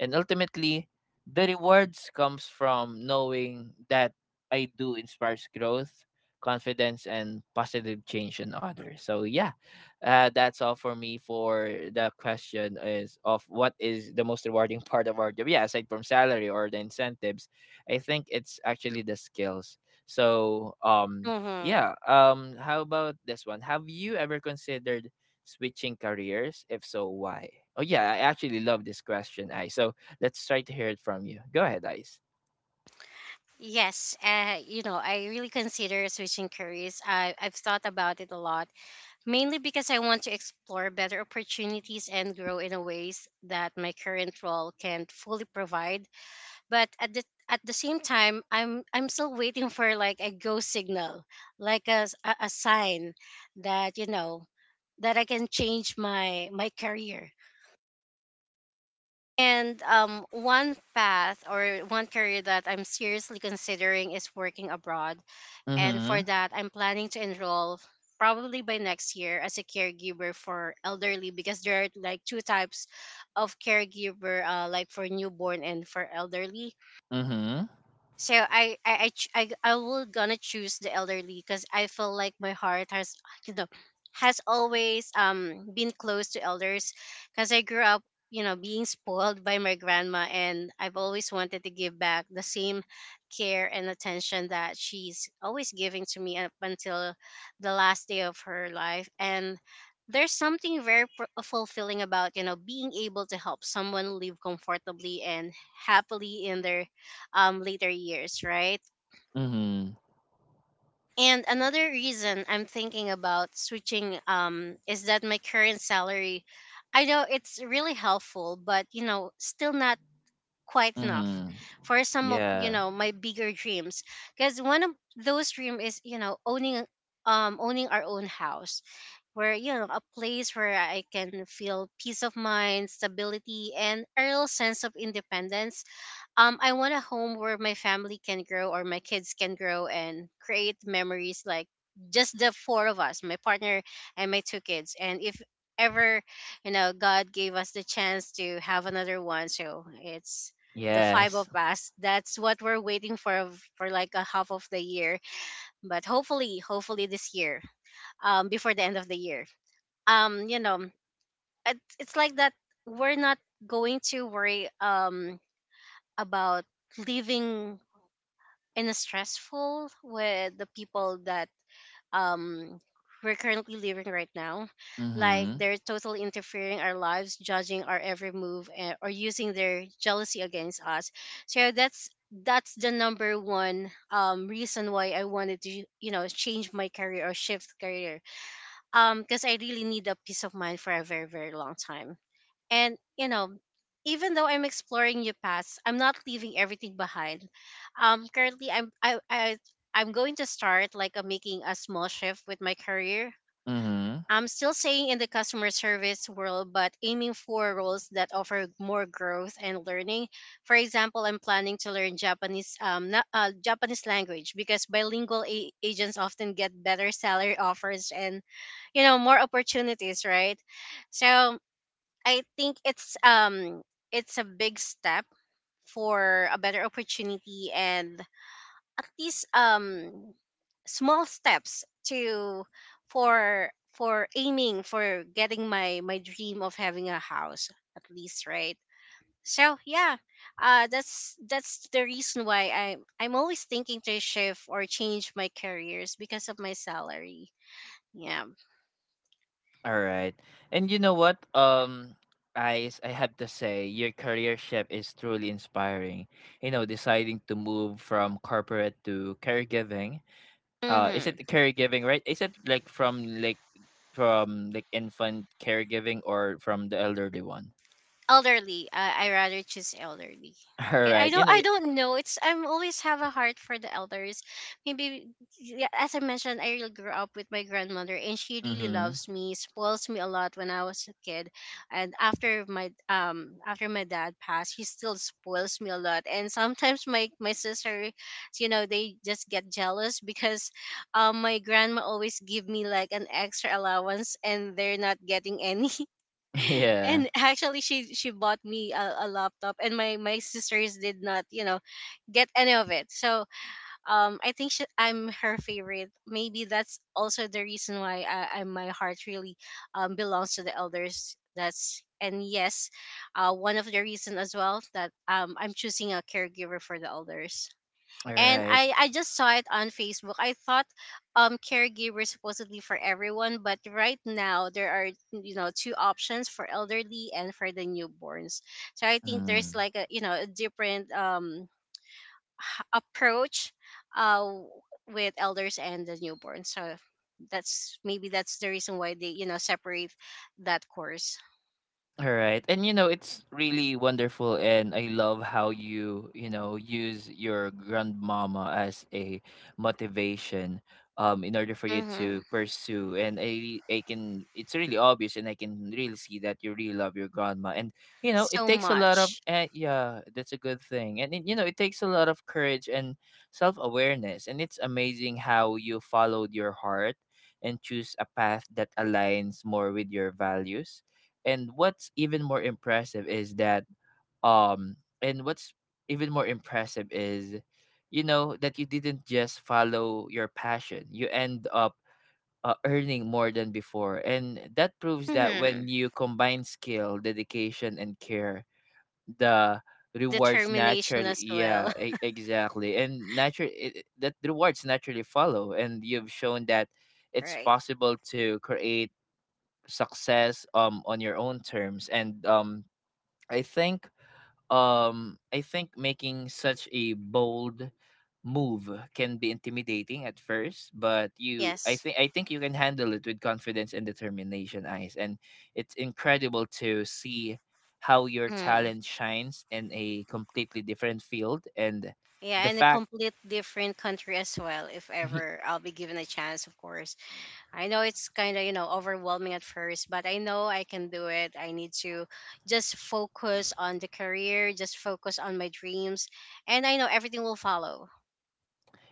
And ultimately, the rewards comes from knowing that I do inspires growth, confidence, and positive change in others. So yeah, that's all for me for the question is of what is the most rewarding part of our job. Yeah, aside from salary or the incentives, I think it's actually the skills. So
mm-hmm.
yeah, how about this one? Have you ever considered switching careers? If so, why? Oh yeah, I actually love this question, Ice. So let's try to hear it from you. Go ahead, Ice.
Yes, I really consider switching careers. I've thought about it a lot, mainly because I want to explore better opportunities and grow in a ways that my current role can't fully provide. But at the same time, I'm still waiting for like a go signal, like a sign that you know that I can change my career. And one path or one career that I'm seriously considering is working abroad, and for
Mm-hmm.
that I'm planning to enroll probably by next year as a caregiver for elderly, because there are like two types of caregiver, like for newborn and for elderly.
Mm-hmm.
So I will gonna choose the elderly, because I feel like my heart has you know has always been close to elders, because I grew up being spoiled by my grandma, and I've always wanted to give back the same care and attention that she's always giving to me up until the last day of her life. And there's something very fulfilling about being able to help someone live comfortably and happily in their later years, right?
Mm-hmm.
And another reason I'm thinking about switching is that my current salary, I know it's really helpful, but still not quite enough
Mm-hmm.
for some of
Yeah.
my bigger dreams. Because one of those dreams is owning, owning our own house, where a place where I can feel peace of mind, stability, and a real sense of independence. I want a home where my family can grow, or my kids can grow and create memories, like just the four of us, my partner and my two kids. And if ever, you know, God gave us the chance to have another one, so it's the five of
Yes.
us. That's what we're waiting for like a half of the year. But hopefully, hopefully this year, before the end of the year. Um, you know, it's like that we're not going to worry about leaving and stressful with the people that um we're currently living right now, like
Mm-hmm.
they're totally interfering our lives, judging our every move, and, or using their jealousy against us. So that's the number one reason why I wanted to, you know, change my career or shift career, because I really need a peace of mind for a very, very long time. And, you know, even though I'm exploring new paths, I'm not leaving everything behind. Currently, I, I'm going to start like a, making a small shift with my career.
Mm-hmm.
I'm still staying in the customer service world, but aiming for roles that offer more growth and learning. For example, I'm planning to learn Japanese Japanese language, because bilingual agents often get better salary offers, and you know more opportunities, right? So I think it's a big step for a better opportunity, and at least small steps to for aiming for getting my my dream of having a house, at least, right? So yeah, that's the reason why I'm always thinking to shift or change my careers because of my salary. Yeah.
All right. And you know what? I have to say your career shift is truly inspiring. You know, deciding to move from corporate to caregiving. Is it
Mm-hmm.
caregiving, right? Is it like from like infant caregiving or from the elderly one?
Elderly. I rather choose elderly.
All
Okay, I
right. You
don't.
know,
I
it,
don't know. It's I'm always have a heart for the elders. Maybe yeah, as I mentioned, I really grew up with my grandmother, and she really
mhm.
loves me, spoils me a lot when I was a kid, and after my dad passed, she still spoils me a lot. And sometimes my my sister, you know, they just get jealous because my grandma always give me like an extra allowance, and they're not getting any.
Yeah.
And actually she bought me a laptop, and my sisters did not, you know, get any of it. So I think she, I'm her favorite, maybe that's also the reason why I my heart really belongs to the elders. That's and yes, one of the reason as well that I'm choosing a caregiver for the elders.
All
And
right.
I just saw it on Facebook. I thought caregivers supposedly for everyone, but right now there are, you know, two options for elderly and for the newborns. So I think there's like a, you know, a different approach uh with elders and the newborns. So that's maybe that's the reason why they, you know, separate that course.
All right. And you know, it's really wonderful and I love how you know, use your grandmama as a motivation in order for you
Mm-hmm.
to pursue. And I can, it's really obvious and I can really see that you really love your grandma. And you know, it
So
takes a lot of
much.
yeah, that's a good thing. And it, you know, it takes a lot of courage and self-awareness. And it's amazing how you followed your heart and choose a path that aligns more with your values and what's even more impressive is that um and what's even more impressive is that you didn't just follow your passion. You end up earning more than before. And that proves that
Mm-hmm.
when you combine skill, dedication and care, the rewards
Determination
naturally,
as well.
yeah, exactly, and naturally that rewards naturally follow. And you've shown that it's
Right.
possible to create success on your own terms. And I think I think making such a bold move can be intimidating at first, but you
Yes.
I think you can handle it with confidence and determination, eyes. And it's incredible to see how your
Mm.
talent shines in a completely different field and
Yeah,
the
and a
fact
complete different country as well, if ever I'll be given a chance, of course. I know it's kind of, you know, overwhelming at first, but I know I can do it. I need to just focus on the career, just focus on my dreams, and I know everything will follow.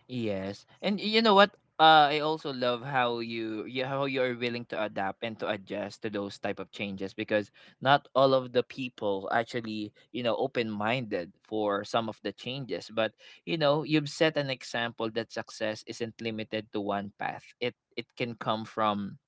Yes. And you know what? I also love how you, you how you are willing to adapt and to adjust to those type of changes, because not all of the people actually, you know, open minded for some of the changes. But you know, you've set an example that success isn't limited to one path. It can come from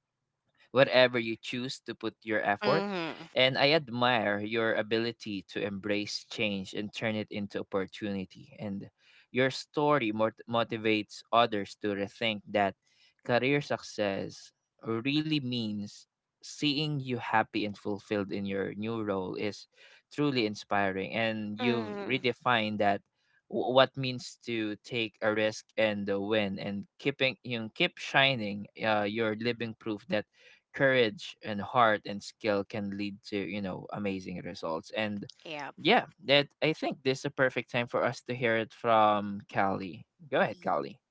wherever you choose to put your effort.
Mm-hmm.
And I admire your ability to embrace change and turn it into opportunity. And your story motivates others to rethink that career success really means. Seeing you happy and fulfilled in your new role is truly inspiring, and you've
Mm-hmm.
redefined that what means to take a risk and win and keeping, you know, keep shining. You're living proof that courage and heart and skill can lead to, you know, amazing results. And
Yeah.
yeah, that I think this is a perfect time for us to hear it from Callie. Go ahead, Callie.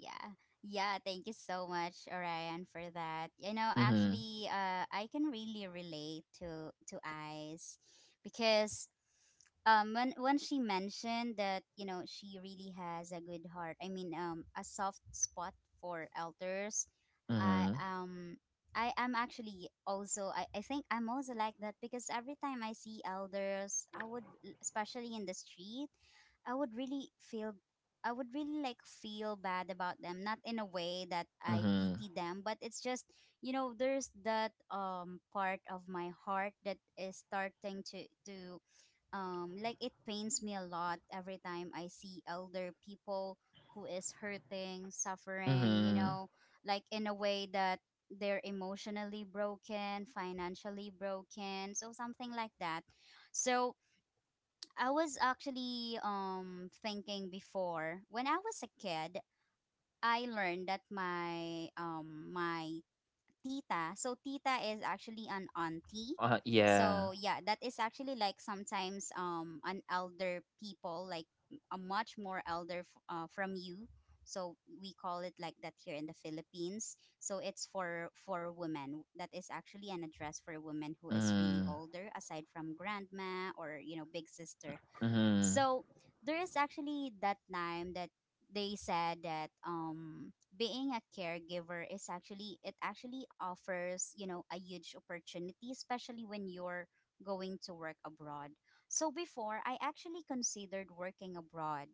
Yeah. Yeah, thank you so much, Orion, for that. You know,
Mhm.
actually, I can really relate to Ice, because when she mentioned that, you know, she really has a good heart. I mean, a soft spot for elders. I
Mhm.
um I am actually also I think I'm also like that because every time I see elders, I would, especially in the street, I would really feel, I would really like feel bad about them, not in a way that I
Mhm.
pity them, but it's just, you know, there's that part of my heart that is starting to like it pains me a lot every time I see elder people who is hurting, suffering, you
Mhm.
know, like in a way that they're emotionally broken, financially broken, so something like that. So I was actually thinking before when I was a kid, I learned that my tita, so tita is actually an auntie.
Yeah.
So yeah, that is actually like sometimes an elder people, like a much more elder from you. So we call it like that here in the Philippines. So it's for women. That is actually an address for a woman who is really
Mhm.
older, aside from grandma or, you know, big sister.
Mhm.
So there is actually that time that they said that being a caregiver is actually, it actually offers, you know, a huge opportunity, especially when you're going to work abroad. So before I actually considered working abroad.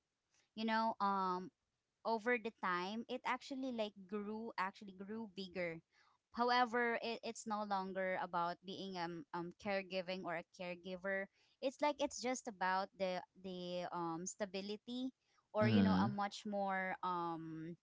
You know, over the time it actually like grew, actually grew bigger. However, it's no longer about being caregiving or a caregiver. It's like it's just about the stability, or you know, a much more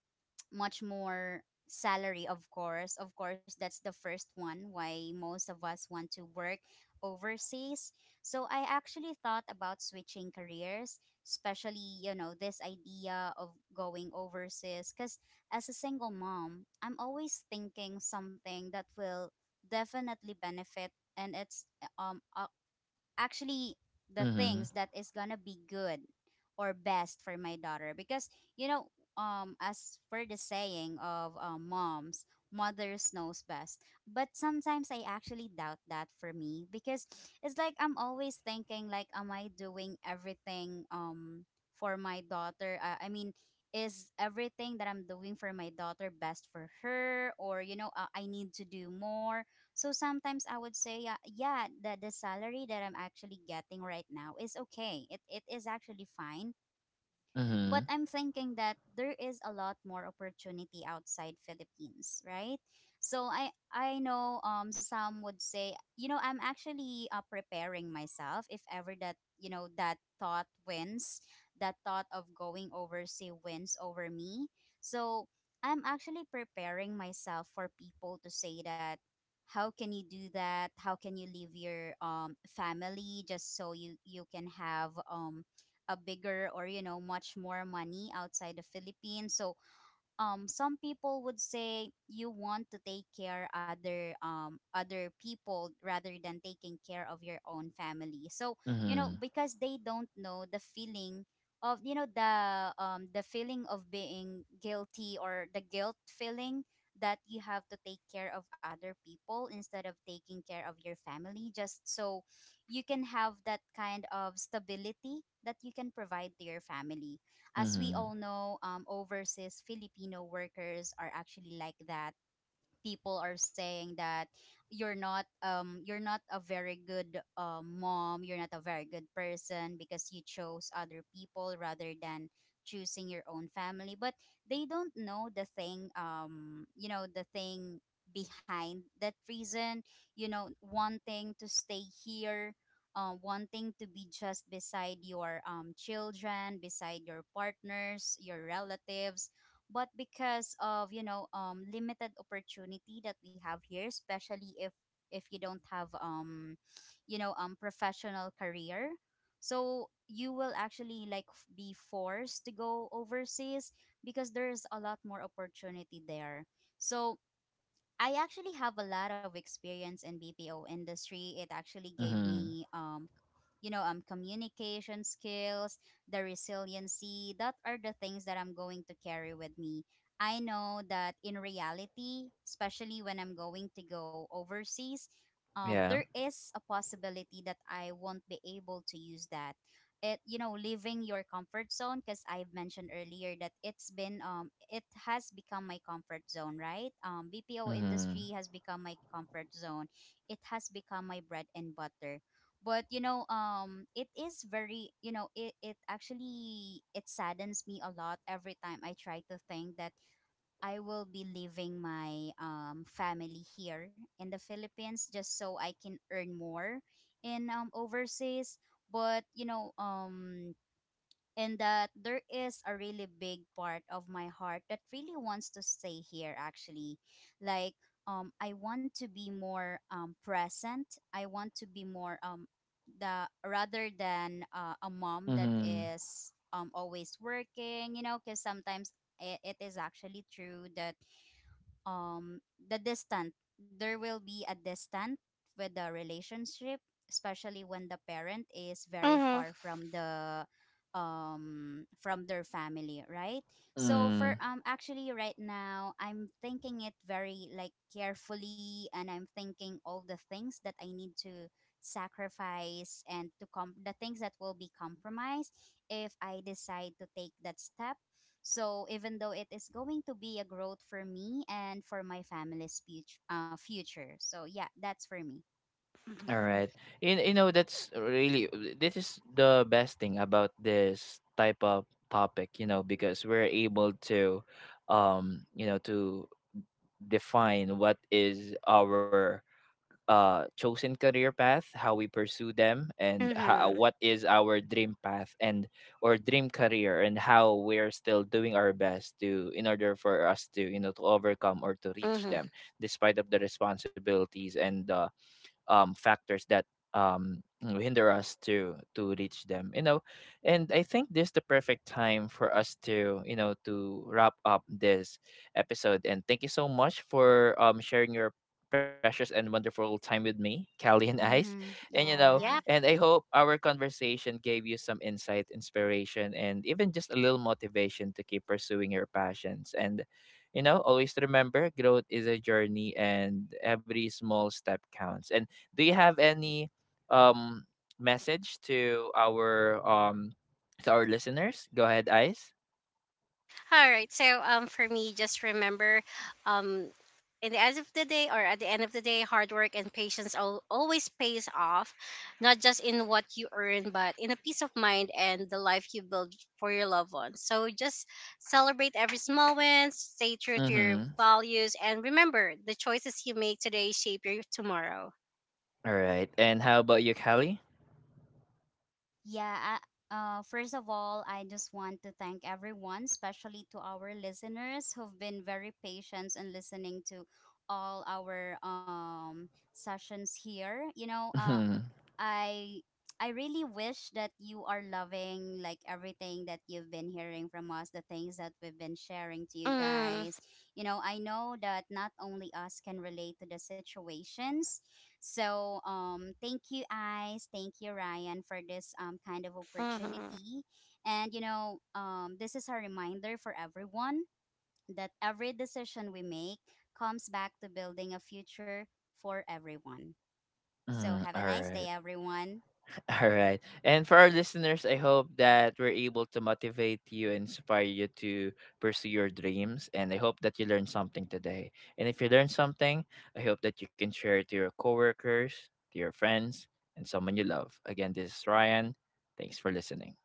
much more salary. Of course, of course that's the first one why most of us want to work overseas. So I actually thought about switching careers, especially, you know, this idea of going overseas, because as a single mom, I'm always thinking something that will definitely benefit and it's um uh, actually the
Mhm.
things that is gonna be good or best for my daughter. Because, you know, as for the saying of moms, mothers knows best, but sometimes I actually doubt that for me, because it's like I'm always thinking, like, am I doing everything for my daughter, I mean, is everything that I'm doing for my daughter best for her? Or, you know, I need to do more. So sometimes I would say, yeah, yeah, the salary that I'm actually getting right now is okay. It is actually fine,
Mhm.
but
Mhm.
I'm thinking that there is a lot more opportunity outside Philippines, right? So I know some would say, you know, I'm actually preparing myself if ever that, you know, that thought wins, that thought of going overseas wins over me. So I'm actually preparing myself for people to say that, how can you do that? How can you leave your family, just so you can have a bigger or, you know, much more money outside the Philippines. So some people would say you want to take care other other people rather than taking care of your own family so
Mhm.
because they don't know the feeling of the feeling of being guilty or the guilt feeling that you have to take care of other people instead of taking care of your family just so you can have that kind of stability that you can provide to your family. As we
Mhm.
all know, overseas Filipino workers are actually like that. People are saying that you're not a very good mom, you're not a very good person because you chose other people rather than choosing your own family, but they don't know the thing, the thing behind that reason, you know, wanting to stay here, wanting to be just beside your children, beside your partners, your relatives, but because of, limited opportunity that we have here, especially if you don't have professional career. So you will actually like be forced to go overseas because there's a lot more opportunity there. So I actually have a lot of experience in BPO industry. It actually gave
Mhm.
me communication skills, the resiliency, that are the things that I'm going to carry with me. I know that in reality, especially when I'm going to go overseas,
Yeah.
there is a possibility that I won't be able to use that, it you know leaving your comfort zone, because I've mentioned earlier that it's been it has become my comfort zone, right? BPO
Mhm.
industry has become my comfort zone, it has become my bread and butter. But it is very, it actually it saddens me a lot every time I try to think that I will be leaving my family here in the Philippines just so I can earn more in overseas. But and that there is a really big part of my heart that really wants to stay here. Actually, like I want to be more present. I want to be more the rather than a mom that
Mhm.
is always working. You know, because sometimes it is actually true that um the distant there will be a distant with the relationship, especially when the parent is very
Mm-hmm.
far from the from their family, right? So for
Mhm.
actually right now I'm thinking it very like carefully and I'm thinking all the things that I need to sacrifice and to com the things that will be compromised if I decide to take that step. So even though it is going to be a growth for me and for my family's future, future. So yeah, that's for me.
All
Mm-hmm.
right. You know, that's really, this is the best thing about this type of topic, you know, because we're able to, you know, to define what is our chosen career path, how we pursue them, and how,
Mm-hmm.
what is our dream path and or dream career, and how we're still doing our best to in order for us to, you know, to overcome or to reach
Mm-hmm.
them despite of the responsibilities and the factors that you hinder us to reach them, you know. And I think this is the perfect time for us to, you know, to wrap up this episode. And thank you so much for sharing your precious and wonderful time with me Callie and Ice.
Mm-hmm.
And you know,
Yeah.
Yeah.
and I hope our conversation gave you some insight, inspiration, and even just a little motivation to keep pursuing your passions. And you know, always remember growth is a journey and every small step counts. And do you have any um message to our listeners? Go ahead, Ice.
All right. So for me just remember um in the end of the day or at the end of the day hard work and patience always pays off, not just in what you earn but in a peace of mind and the life you build for your loved ones. So just celebrate every small win, stay true to your
Mm-hmm.
values, and remember the choices you make today shape your tomorrow.
All right. And how about you, Kelly?
Yeah. I, first of all, I just want to thank everyone, especially to our listeners who've been very patient and listening to all our sessions here. You know,
Mm-hmm.
I I really wish that you are loving like everything that you've been hearing from us, the things that we've been sharing to you
Mm-hmm.
guys. You know, I know that not only us can relate to the situations. So, thank you guys, thank you Ryan for this kind of
Mm-hmm.
opportunity. And you know, this is a reminder for everyone that every decision we make comes back to building a future for everyone. So,
Mm,
have
all
a nice
right.
day everyone.
All right. And for our listeners, I hope that we're able to motivate you, inspire you to pursue your dreams. And I hope that you learned something today. And if you learned something, I hope that you can share it to your coworkers, to your friends, and someone you love. Again, this is Ryan. Thanks for listening.